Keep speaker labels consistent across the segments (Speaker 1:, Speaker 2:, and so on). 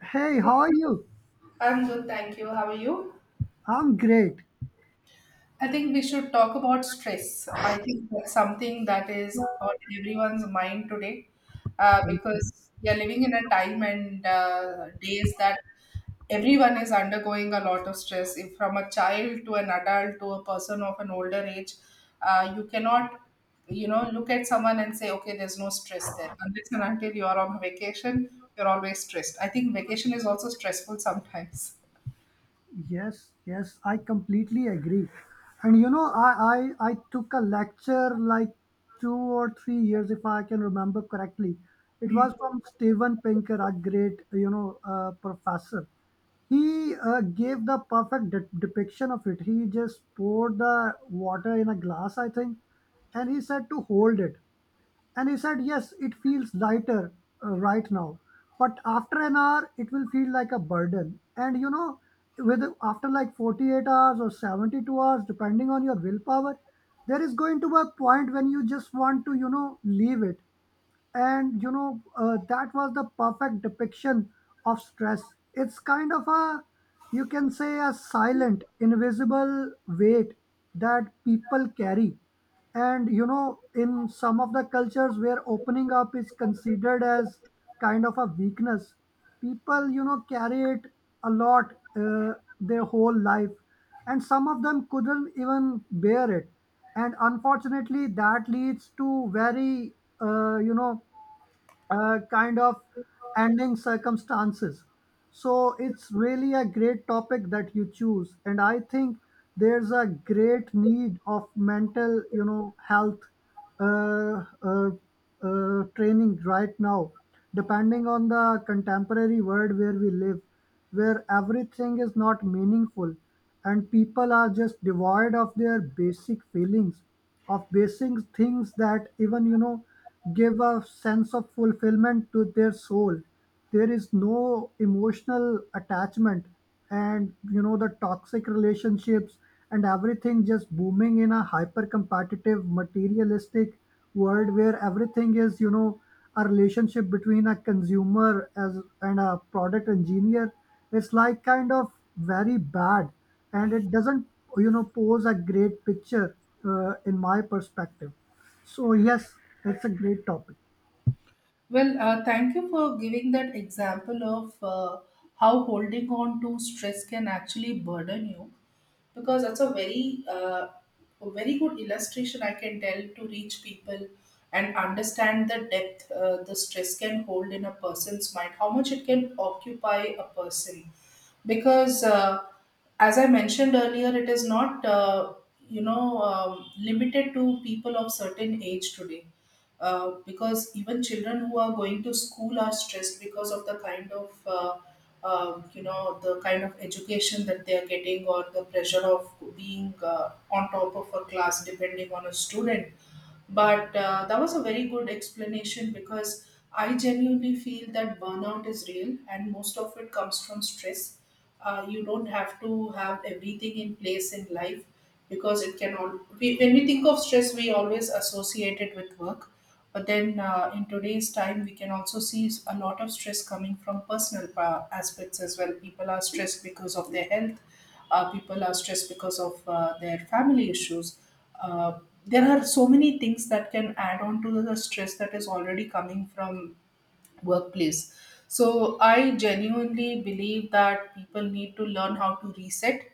Speaker 1: Hey, how are you?
Speaker 2: I'm good, thank you. How are you?
Speaker 1: I'm great.
Speaker 2: I think we should talk about stress. I think that's something that is on everyone's mind today, because we are living in a time and days that everyone is undergoing a lot of stress. If from a child to an adult to a person of an older age, you cannot, you know, look at someone and say, okay, there's no stress there. Unless and until you're on vacation, you're always stressed. I think vacation is also stressful sometimes.
Speaker 1: Yes, yes, I completely agree. And I took a lecture like 2 or 3 years, if I can remember correctly. It was from Steven Pinker, a great, professor. He gave the perfect depiction of it. He just poured the water in a glass, I think, and he said to hold it. And he said, yes, it feels lighter right now, but after an hour, it will feel like a burden. And with after like 48 hours or 72 hours, depending on your willpower, there is going to be a point when you just want to, leave it, and that was the perfect depiction of stress. It's kind of a, you can say, a silent, invisible weight that people carry. And in some of the cultures where opening up is considered as kind of a weakness, people carry it a lot their whole life, and some of them couldn't even bear it, and unfortunately that leads to very uh, you know kind of ending circumstances. So it's really a great topic that you choose, and I think there's a great need of mental, health uh, uh, training right now, depending on the contemporary world where we live, where everything is not meaningful and people are just devoid of their basic feelings, of basic things that even give a sense of fulfillment to their soul. There is no emotional attachment, and the toxic relationships and everything just booming in a hyper competitive materialistic world where everything is, a relationship between a consumer as and a product engineer is like kind of very bad, and it doesn't, pose a great picture in my perspective. So yes, it's a great topic.
Speaker 2: Well, thank you for giving that example of how holding on to stress can actually burden you, because that's a very good illustration I can tell to reach people and understand the depth the stress can hold in a person's mind, how much it can occupy a person. Because, as I mentioned earlier, it is not, you know, limited to people of certain age today, because even children who are going to school are stressed because of the kind of the kind of education that they are getting, or the pressure of being on top of a class depending on a student. But that was a very good explanation because I genuinely feel that burnout is real and most of it comes from stress. You don't have to have everything in place in life because it can all. We, when we think of stress, we always associate it with work. But then, in today's time, we can also see a lot of stress coming from personal aspects as well. People are stressed because of their health, people are stressed because of their family issues. Uh, there are so many things that can add on to the stress that is already coming from workplace. So I genuinely believe that people need to learn how to reset,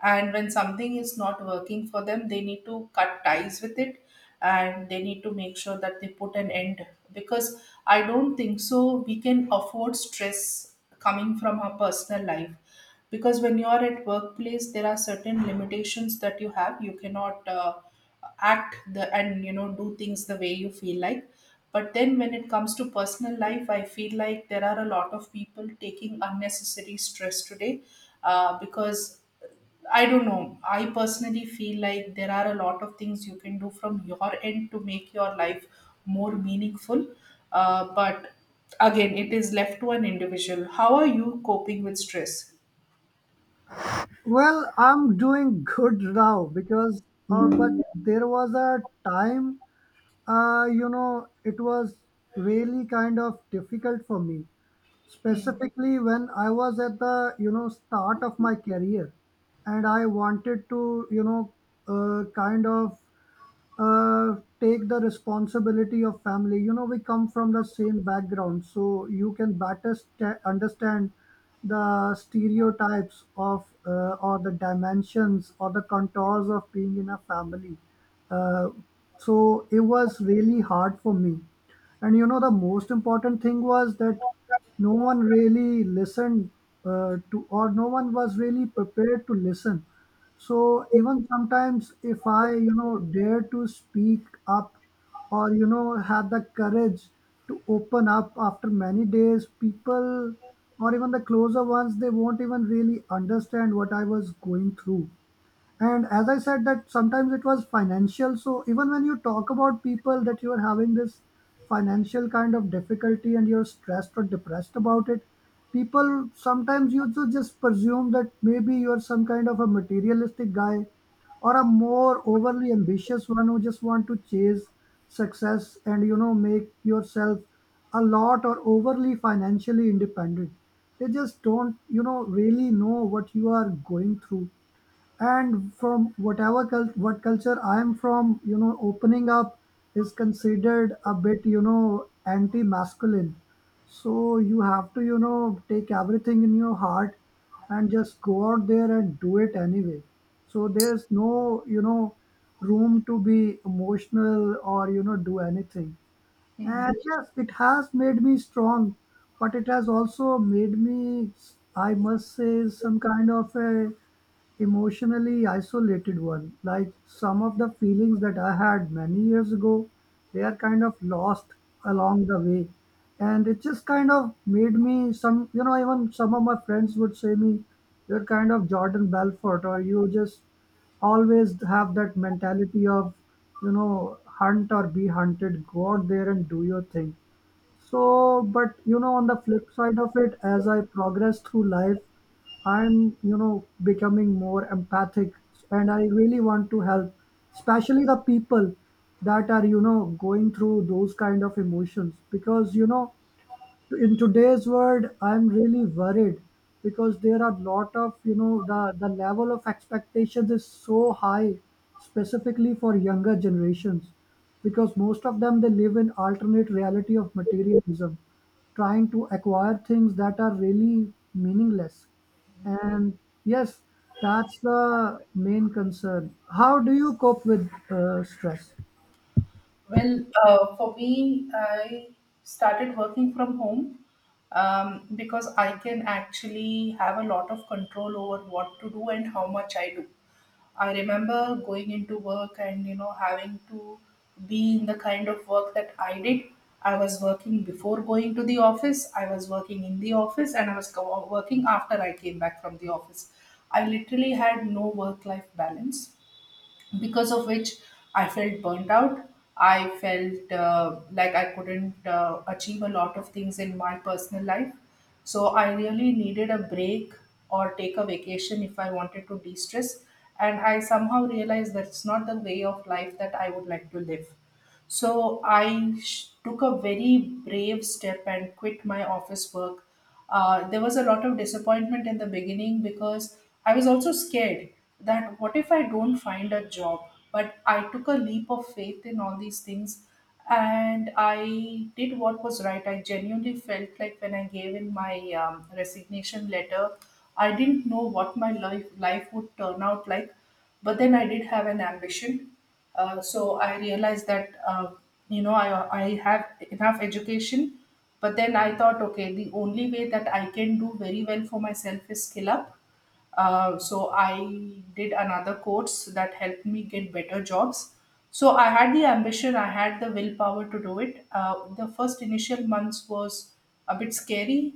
Speaker 2: and when something is not working for them, they need to cut ties with it, and they need to make sure that they put an end, because I don't think so we can afford stress coming from our personal life. Because when you are at workplace, there are certain limitations that you have. You cannot act the, and you know, do things the way you feel like. But then when it comes to personal life, I feel like there are a lot of people taking unnecessary stress today, because I don't know, I personally feel like there are a lot of things you can do from your end to make your life more meaningful, but again, it is left to an individual how are you coping with stress.
Speaker 1: Well, I'm doing good now because, but there was a time, it was really kind of difficult for me, specifically when I was at the, start of my career, and I wanted to, kind of take the responsibility of family. You know, we come from the same background, so you can better understand the stereotypes of, or the dimensions or the contours of being in a family. uh, so it was really hard for me, and the most important thing was that no one really listened to, or no one was really prepared to listen. So even sometimes if I, dare to speak up, or have the courage to open up after many days, people or even the closer ones, they won't even really understand what I was going through. And as I said, that sometimes it was financial. So even when you talk about people that you are having this financial kind of difficulty and you're stressed or depressed about it, people sometimes just presume that maybe you're some kind of a materialistic guy or a more overly ambitious one who just want to chase success and, make yourself a lot or overly financially independent. They just don't, really know what you are going through. And from whatever what culture I am from, opening up is considered a bit, anti masculine so you have to, take everything in your heart and just go out there and do it anyway. So there's no, room to be emotional or, do anything.
Speaker 2: Hmm.
Speaker 1: And yes, it has made me strong, but it has also made me, I must say, some kind of a emotionally isolated one. Like some of the feelings that I had many years ago, they are kind of lost along the way. And it just kind of made me some, even some of my friends would say me, you're kind of Jordan Belfort, or you just always have that mentality of, hunt or be hunted, go out there and do your thing. So, but on the flip side of it, as I progress through life, I'm, becoming more empathic, and I really want to help, especially the people that are, going through those kind of emotions, because, in today's world I'm really worried, because there are lot of, the level of expectations is so high, specifically for younger generations, because most of them, they live in alternate reality of materialism, trying to acquire things that are really meaningless. And yes, that's the main concern. How do you cope with stress?
Speaker 2: Well, for me, I started working from home, because I can actually have a lot of control over what to do and how much I do. I remember going into work and you know having to be in the kind of work that I did. I was working before going to the office, I was working in the office, and I was working after I came back from the office. I literally had no work life balance, because of which I felt burnt out. I felt like I couldn't achieve a lot of things in my personal life. So I really needed a break or take a vacation if I wanted to de stress. And I somehow realized that's not the way of life that I would like to live. So I took a very brave step and quit my office work. There was a lot of disappointment in the beginning because I was also scared that what if I don't find a job? But I took a leap of faith in all these things and I did what was right. I genuinely felt like when I gave in my resignation letter, I didn't know what life would turn out like, but then I did have an ambition, so I realized that you know I have enough education, but then I thought, okay, the only way that I can do very well for myself is skill up. So I did another course that helped me get better jobs. So I had the ambition, I had the willpower to do it. The first initial months was a bit scary,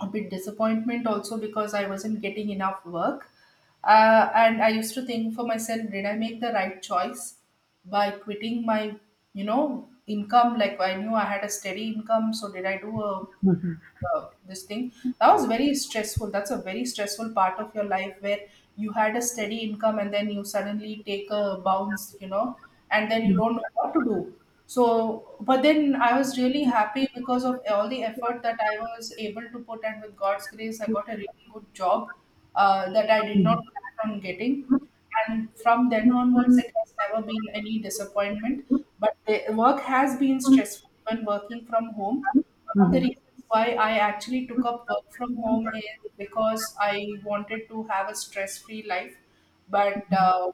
Speaker 2: a bit disappointment also, because I wasn't getting enough work. And I used to think for myself, did I make the right choice by quitting my, you know, income? Like I knew I had a steady income, so did I do a this thing, that was very stressful. That's a very stressful part of your life where you had a steady income and then you suddenly take a bounce, you know, and then you don't know what to do. So but then I was really happy because of all the effort that I was able to put, and with God's grace I got a really good job, that I did not
Speaker 1: Mhm.
Speaker 2: plan on getting. And from then onwards, it has never been any disappointment, but the work has been stressful when working from home. One of the
Speaker 1: Mhm.
Speaker 2: reasons why I actually took up work from home is because I wanted to have a stress free life. But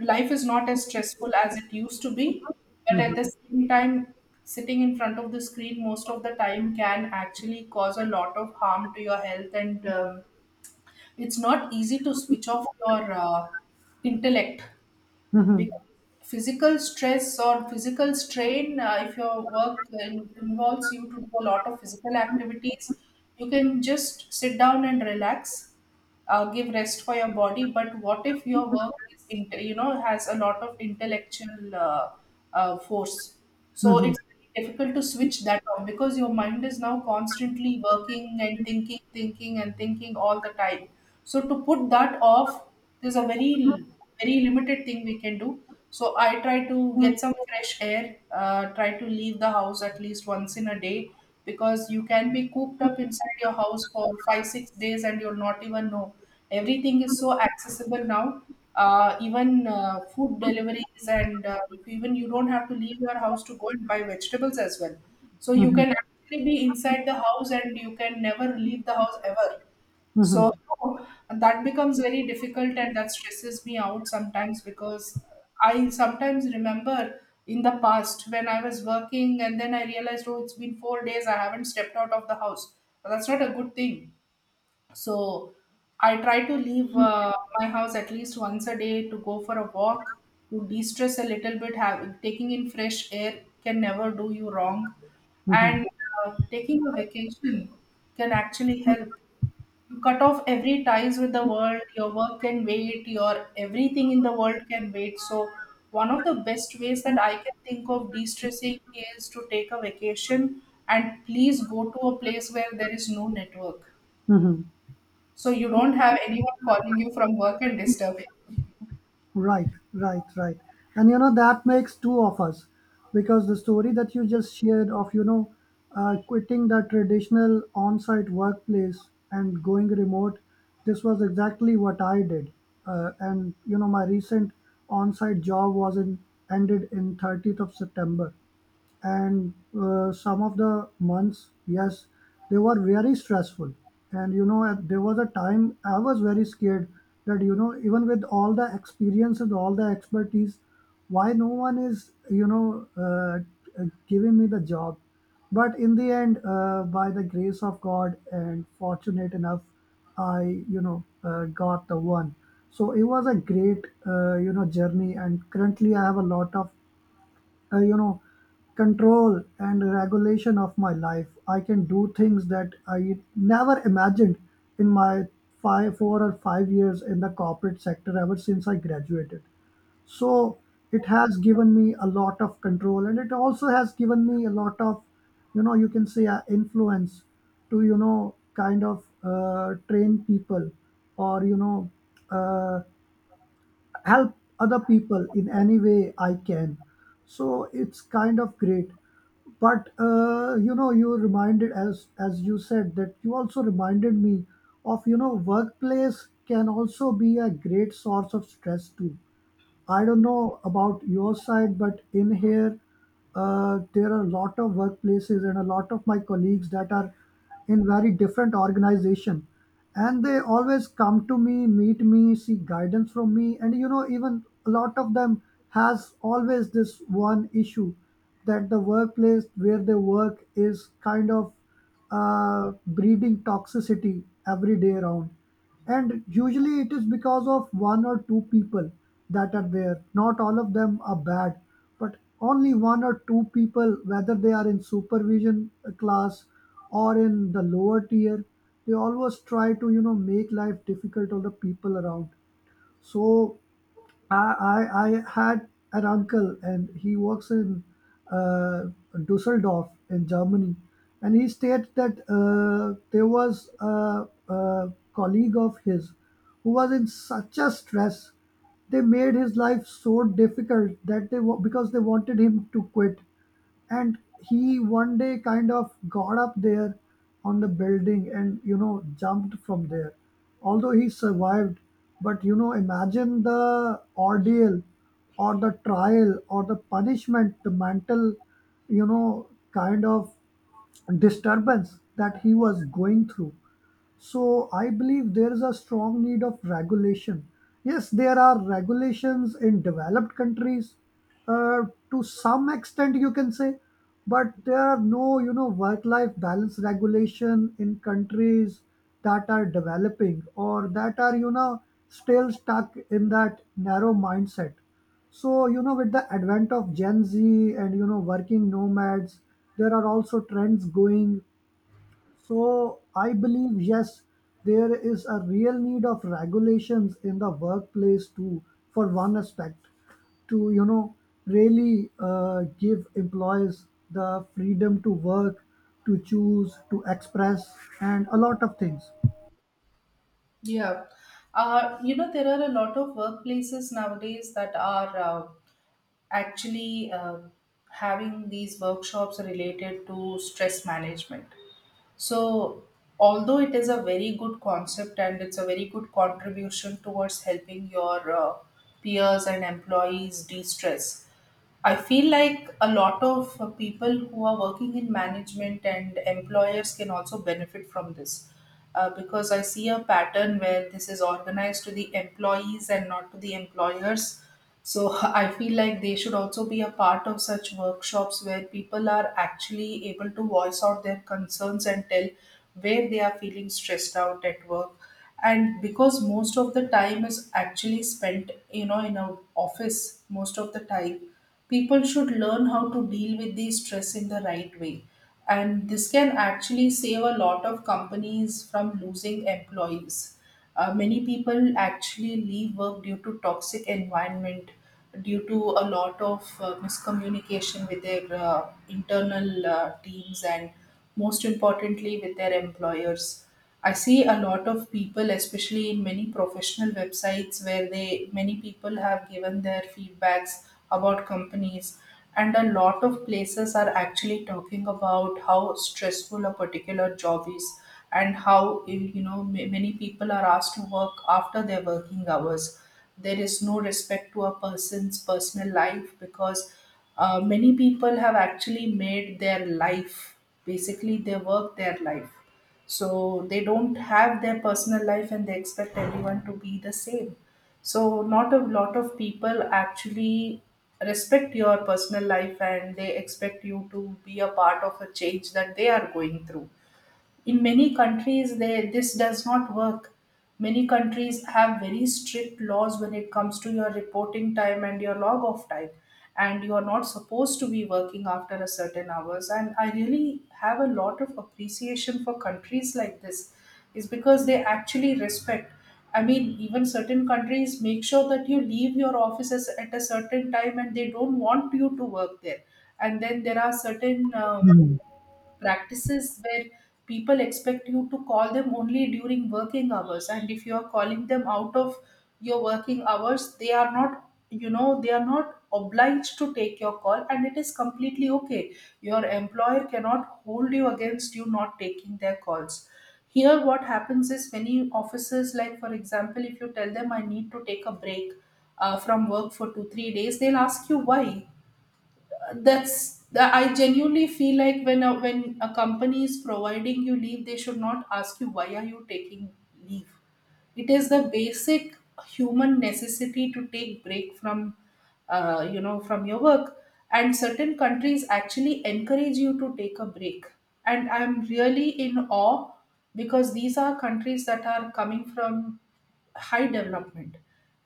Speaker 2: life is not as stressful as it used to be. But at
Speaker 1: Mhm.
Speaker 2: the same time, sitting in front of the screen most of the time can actually cause a lot of harm to your health. And it's not easy to switch off your intellect,
Speaker 1: Mhm.
Speaker 2: because physical stress or physical strain, if your work involves you to do a lot of physical activities, you can just sit down and relax, give rest for your body. But what if your work you know has a lot of intellectual force? So
Speaker 1: Mhm.
Speaker 2: it's very difficult to switch that on, because your mind is now constantly working and thinking and thinking all the time. So to put that off, there's a very limited thing we can do. So I try to get some fresh air, try to leave the house at least once in a day, because you can be cooped up inside your house for five, 6 days and you'll not even know. Everything is so accessible now. Even food deliveries, and even you don't have to leave your house to go and buy vegetables as well. So you can
Speaker 1: Mhm.
Speaker 2: actually be inside the house and you can never leave the house ever.
Speaker 1: Mhm.
Speaker 2: So that becomes very difficult and that stresses me out sometimes, because I sometimes remember in the past when I was working and then I realized, oh, it's been 4 days, I haven't stepped out of the house. But that's not a good thing. So I try to leave my house at least once a day to go for a walk, to de stress a little bit. Have, taking in fresh air can never do you wrong.
Speaker 1: Mhm.
Speaker 2: And taking a vacation can actually help you cut off every ties with the world. Your work can wait, your everything in the world can wait. So one of the best ways that I can think of de-stressing is to take a vacation, and please go to a place where there is no network.
Speaker 1: Mhm.
Speaker 2: So you don't have anyone calling you from work and disturbing.
Speaker 1: Right, right, right. And that makes two of us, because the story that you just shared of, quitting the traditional on site workplace and going remote, this was exactly what I did. My recent on site job was in, ended in 30th of September. And some of the months, yes, they were very stressful, and there was a time I was very scared that, even with all the experience and all the expertise, why no one is, giving me the job. But in the end, by the grace of God and fortunate enough, I, got the one. So it was a great, journey, and currently I have a lot of, uh, you know control and regulation of my life. I can do things that I never imagined in my five four or 5 years in the corporate sector ever since I graduated. So it has given me a lot of control, and it also has given me a lot of, you can say, influence to, kind of train people or, uh, help other people in any way I can. So it's kind of great. But you reminded, as you said, that you also reminded me of, workplace can also be a great source of stress too. I don't know about your side, but in here, there are a lot of workplaces and a lot of my colleagues that are in very different organization, and they always come to me, meet me, seek guidance from me, and, even a lot of them has always this one issue, that the workplace where they work is kind of breeding toxicity every day around. And usually it is because of one or two people that are there. Not all of them are bad, but only one or two people, whether they are in supervision class or in the lower tier, they always try to, make life difficult on the people around. So I, I had an uncle and he works in uh, Dusseldorf in Germany. And he states that there was a colleague of his who was in such a stress. They made his life so difficult that because they wanted him to quit, and he one day kind of got up there on the building and, jumped from there. Although he survived, but imagine the ordeal or the trial or the punishment, the mental, kind of disturbance that he was going through. So I believe there is a strong need of regulation. Yes, there are regulations in developed countries, uh, to some extent you can say, but there are no, work-life balance regulation in countries that are developing or that are, still stuck in that narrow mindset. So, with the advent of Gen Z and, working nomads, there are also trends going. So I believe, yes, there is a real need of regulations in the workplace too, for one aspect, to, really give employees the freedom to work, to choose, to express, and a lot of things.
Speaker 2: Yeah. You know, there are a lot of workplaces nowadays that are actually having these workshops related to stress management. So, although it is a very good concept and it's a very good contribution towards helping your peers and employees de stress, I feel like a lot of people who are working in management and employers can also benefit from this, because I see a pattern where this is organized to the employees and not to the employers. So I feel like they should also be a part of such workshops where people are actually able to voice out their concerns and tell where they are feeling stressed out at work. And because most of the time is actually spent in a office most of the time, people should learn how to deal with the stress in the right way, and this can actually save a lot of companies from losing employees. Many people actually leave work due to toxic environment, due to a lot of miscommunication with their internal teams and most importantly with their employers. I see a lot of people, especially in many professional websites, where they many people have given their feedbacks about companies, and a lot of places are actually talking about how stressful a particular job is, and how many people are asked to work after their working hours. There is no respect to a person's personal life because many people have actually made their life, basically their work their life, so they don't have their personal life and they expect everyone to be the same. So not a lot of people actually respect your personal life and they expect you to be a part of a change that they are going through. In many countries they this does not work. Many countries have very strict laws when it comes to your reporting time and your log off time, and you are not supposed to be working after a certain hours, and I really have a lot of appreciation for countries like this. Is because they actually respect, I mean, even certain countries make sure that you leave your offices at a certain time and they don't want you to work there. And then there are certain
Speaker 1: Hmm.
Speaker 2: practices where people expect you to call them only during working hours, and if you are calling them out of your working hours, they are not, they are not obliged to take your call, and it is completely okay. Your employer cannot hold you against you not taking their calls. Here what happens is many officers, like for example, if you tell them I need to take a break from work for 2-3 days, they'll ask you why. That's that I genuinely feel like when when a company is providing you leave, they should not ask you why are you taking leave. It is the basic human necessity to take break from from your work. And certain countries actually encourage you to take a break, and I'm really in awe, because these are countries that are coming from high development,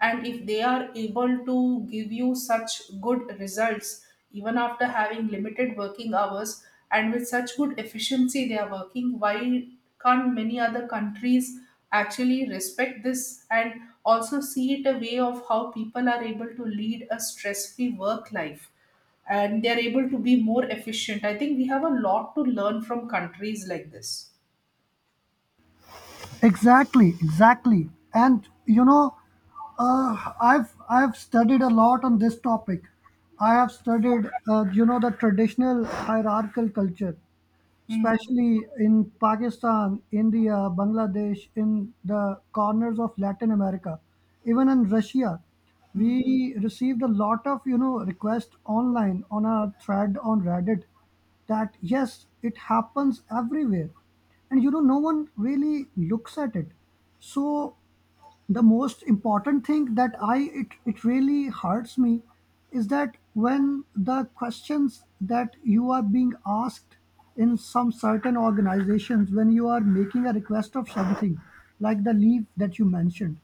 Speaker 2: and if they are able to give you such good results even after having limited working hours, and with such good efficiency they are working, why can't many other countries actually respect this and also see it a way of how people are able to lead a stress-free work life and they are able to be more efficient. I think we have a lot to learn from countries like this.
Speaker 1: Exactly, exactly. And I've studied a lot on this topic. I have studied, the traditional hierarchical culture, especially in Pakistan, India, Bangladesh, in the corners of Latin America, even in Russia. We received a lot of, requests online on a thread on Reddit, that yes, it happens everywhere, and no one really looks at it. So the most important thing that it really hurts me is that when the questions that you are being asked in some certain organizations, when you are making a request of something like the leave that you mentioned,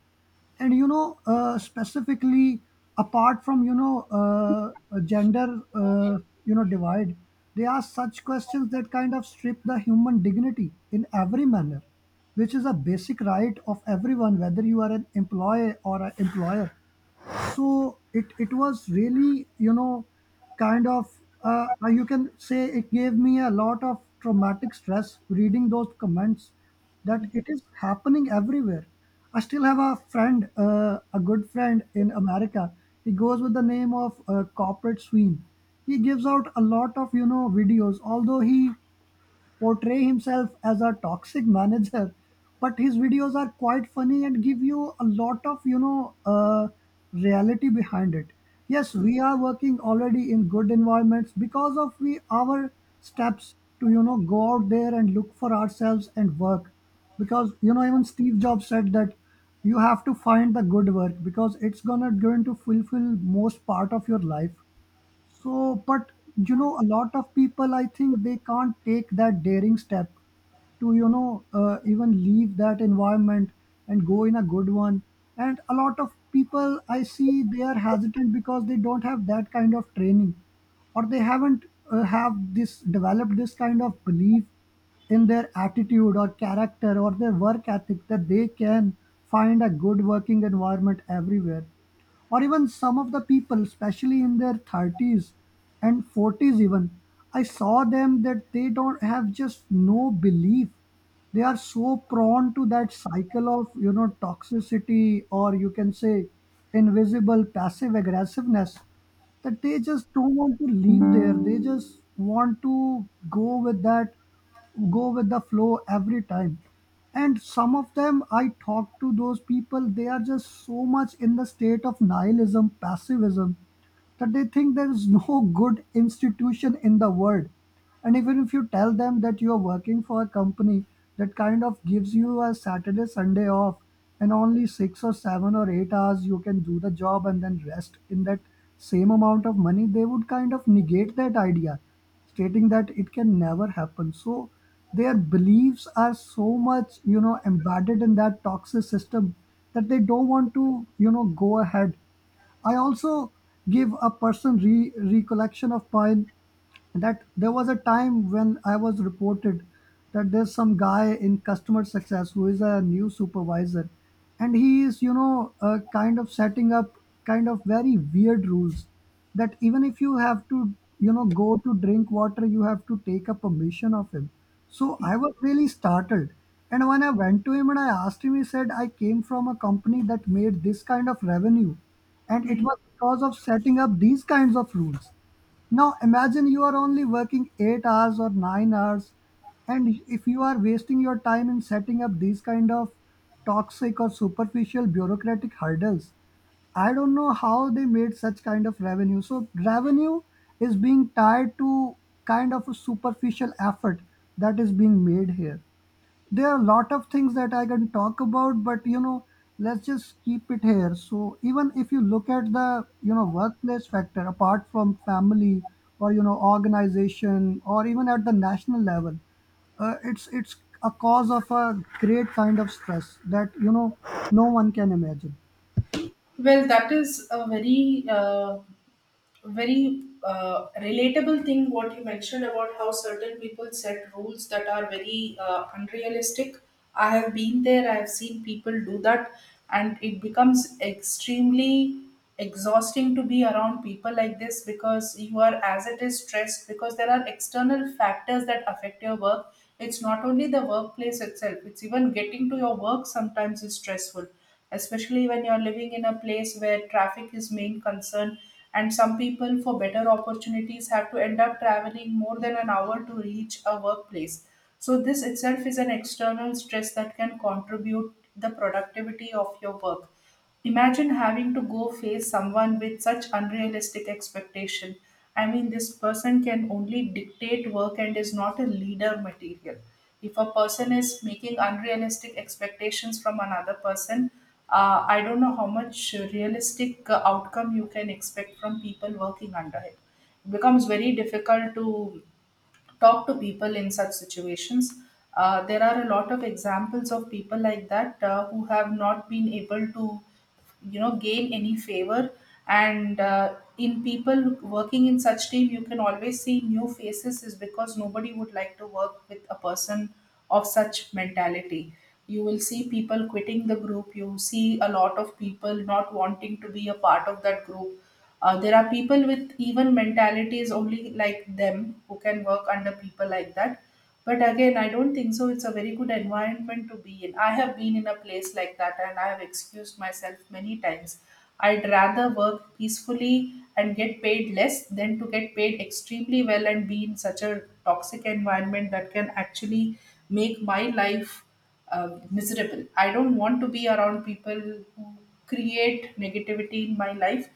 Speaker 1: and specifically, apart from a gender uh, divide, they ask such questions that kind of strip the human dignity in every manner, which is a basic right of everyone, whether you are an employee or an employer. So it was really kind of, you can say, it gave me a lot of traumatic stress reading those comments, that it is happening everywhere. I still have a friend, a good friend in America. He goes with the name of Corporate Sween. He gives out a lot of videos. Although he portray himself as a toxic manager, but his videos are quite funny and give you a lot of reality behind it. Yes, we are working already in good environments because of we our steps to, you know, go out there and look for ourselves and work. Because, you know, even Steve Jobs said that you have to find the good work because it's gonna going to fulfill most part of your life. So, but you know, a lot of people, I think they can't take that daring step to, even leave that environment and go in a good one. And a lot of people I see they are hesitant because they don't have that kind of training, or they haven't have this developed this kind of belief in their attitude or character or their work ethic, that they can find a good working environment everywhere. Or even some of the people, especially in their 30s and 40s even, I saw them that they don't have just no belief. They are so prone to that cycle of, you know, toxicity, or you can say invisible passive aggressiveness, that they just don't want to leave there. They just want to go with that go with the flow every time. And some of them, I talk to those people, they are just so much in the state of nihilism, passivism, that they think there is no good institution in the world. And even if you tell them that you are working for a company that kind of gives you a Saturday, Sunday off, and only 6 or 7 or 8 hours you can do the job and then rest in that same amount of money, they would kind of negate that idea, stating that it can never happen. So their beliefs are so much, you know, embedded in that toxic system that they don't want to, you know, go ahead. I also give a person recollection of mine, that there was a time when I was reported that there's some guy in customer success who is a new supervisor, and he is, kind of setting up kind of very weird rules, that even if you have to, you know, go to drink water, you have to take a permission of him. So I was really startled, and when I went to him and I asked him, he said, I came from a company that made this kind of revenue, and it was because of setting up these kinds of rules. Now imagine you are only working 8 hours or 9 hours, and if you are wasting your time in setting up these kind of toxic or superficial bureaucratic hurdles, I don't know how they made such kind of revenue. So revenue is being tied to kind of a superficial effort that is being made here. There are a lot of things that I can talk about, but you know, let's just keep it here. So even if you look at the, you know, workplace factor, apart from family or, you know, organization, or even at the national level, it's a cause of a great kind of stress that, you know, no one can imagine.
Speaker 2: Well, that is a very, very relatable thing what you mentioned about how certain people set rules that are very unrealistic. I have been there, I have seen people do that, and it becomes extremely exhausting to be around people like this, because you are, as it is, stressed because there are external factors that affect your work. It's not only the workplace itself, it's even getting to your work sometimes is stressful, especially when you're living in a place where traffic is main concern, and some people for better opportunities have to end up traveling more than an hour to reach a workplace. So this itself is an external stress that can contribute the productivity of your work. Imagine having to go face someone with such unrealistic expectation. I mean, this person can only dictate work and is not a leader material. If a person is making unrealistic expectations from another person, I don't know how much realistic outcome you can expect from people working under him. It becomes very difficult to talk to people in such situations. There are a lot of examples of people like that who have not been able to, you know, gain any favor. And in people working in such team, you can always see new faces, is because nobody would like to work with a person of such mentality. You will see people quitting the group. You see a lot of people not wanting to be a part of that group. There are people with even mentalities only like them who can work under people like that. But again, I don't think so. It's a very good environment to be in. I have been in a place like that and I have excused myself many times. I'd rather work peacefully and get paid less than to get paid extremely well and be in such a toxic environment that can actually make my life miserable. I don't want to be around people who create negativity in my life,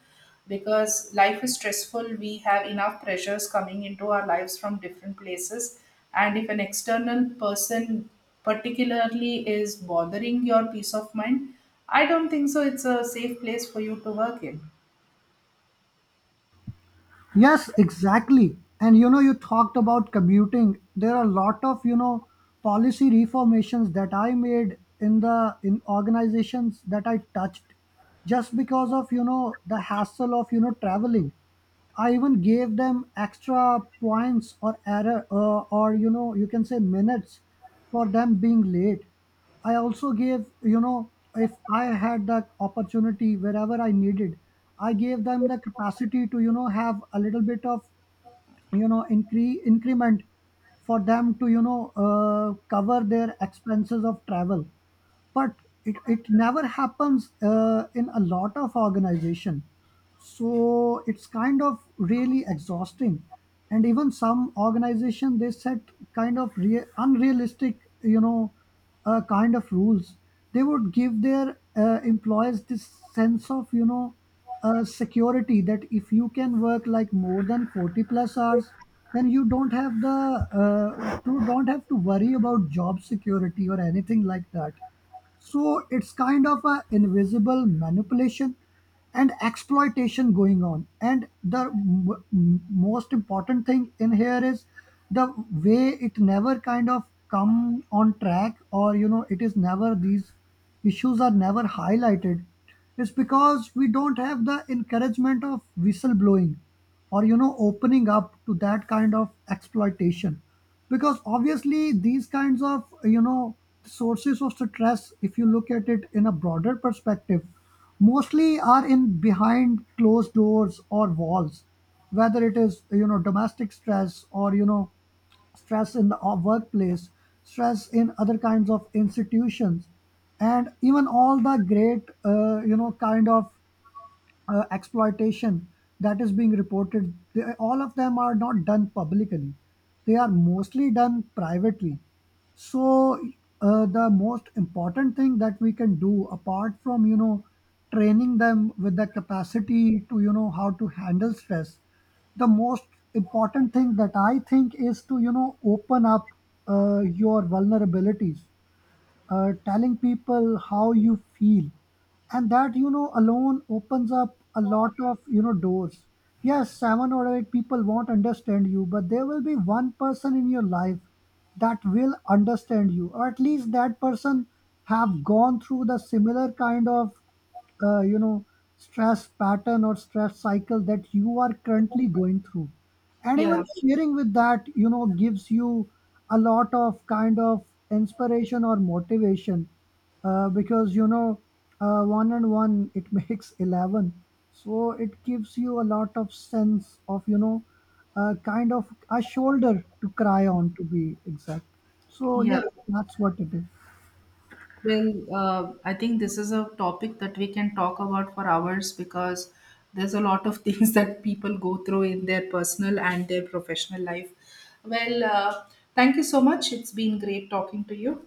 Speaker 2: because life is stressful. We have enough pressures coming into our lives from different places, and if an external person particularly is bothering your peace of mind, I don't think so it's a safe place for you to work in.
Speaker 1: Yes, exactly. And you know, you talked about commuting. There are a lot of, you know, policy reformations that I made in the in organizations that I touched, just because of, you know, the hassle of, you know, traveling. I even gave them extra points or error or, you know, you can say minutes for them being late. I also gave, you know, if I had that opportunity wherever I needed, I gave them the capacity to, you know, have a little bit of, you know, increment for them to, cover their expenses of travel. But it never happens in a lot of organization, so it's kind of really exhausting. And even some organization, they set kind of unrealistic, kind of rules. They would give their employees this sense of, security, that if you can work like more than 40 plus hours, then you don't have the you don't have to worry about job security or anything like that. So it's kind of a invisible manipulation and exploitation going on. And the most important thing in here is the way it never kind of come on track, or, you know, it is never, these issues are never highlighted, is because we don't have the encouragement of whistleblowing, or, you know, opening up to that kind of exploitation. Because obviously these kinds of, you know, sources of stress, if you look at it in a broader perspective, mostly are in behind closed doors or walls, whether it is, you know, domestic stress, or, you know, stress in the workplace, stress in other kinds of institutions. And even all the great, kind of exploitation that is being reported, they, all of them are not done publicly. They are mostly done privately. So, the most important thing that we can do, apart from, you know, training them with the capacity to, you know, how to handle stress, the most important thing that I think is to, you know, open up your vulnerabilities, telling people how you feel. And that, you know, alone opens up a lot of, you know, doors. Yes, 7 or 8 people won't understand you, but there will be one person in your life that will understand you, or at least that person have gone through the similar kind of uh, you know stress pattern or stress cycle that you are currently going through. And even
Speaker 2: Yeah,
Speaker 1: sharing with that, you know, gives you a lot of kind of inspiration or motivation, because, you know, one and one it makes 11. So it gives you a lot of sense of, you know, kind of a shoulder to cry on, to be exact. So
Speaker 2: yeah.
Speaker 1: yes, that's what it is.
Speaker 2: Well, uh, I think this is a topic that we can talk about for hours because there's a lot of things that people go through in their personal and their professional life. Well, thank you so much. It's been great talking to you.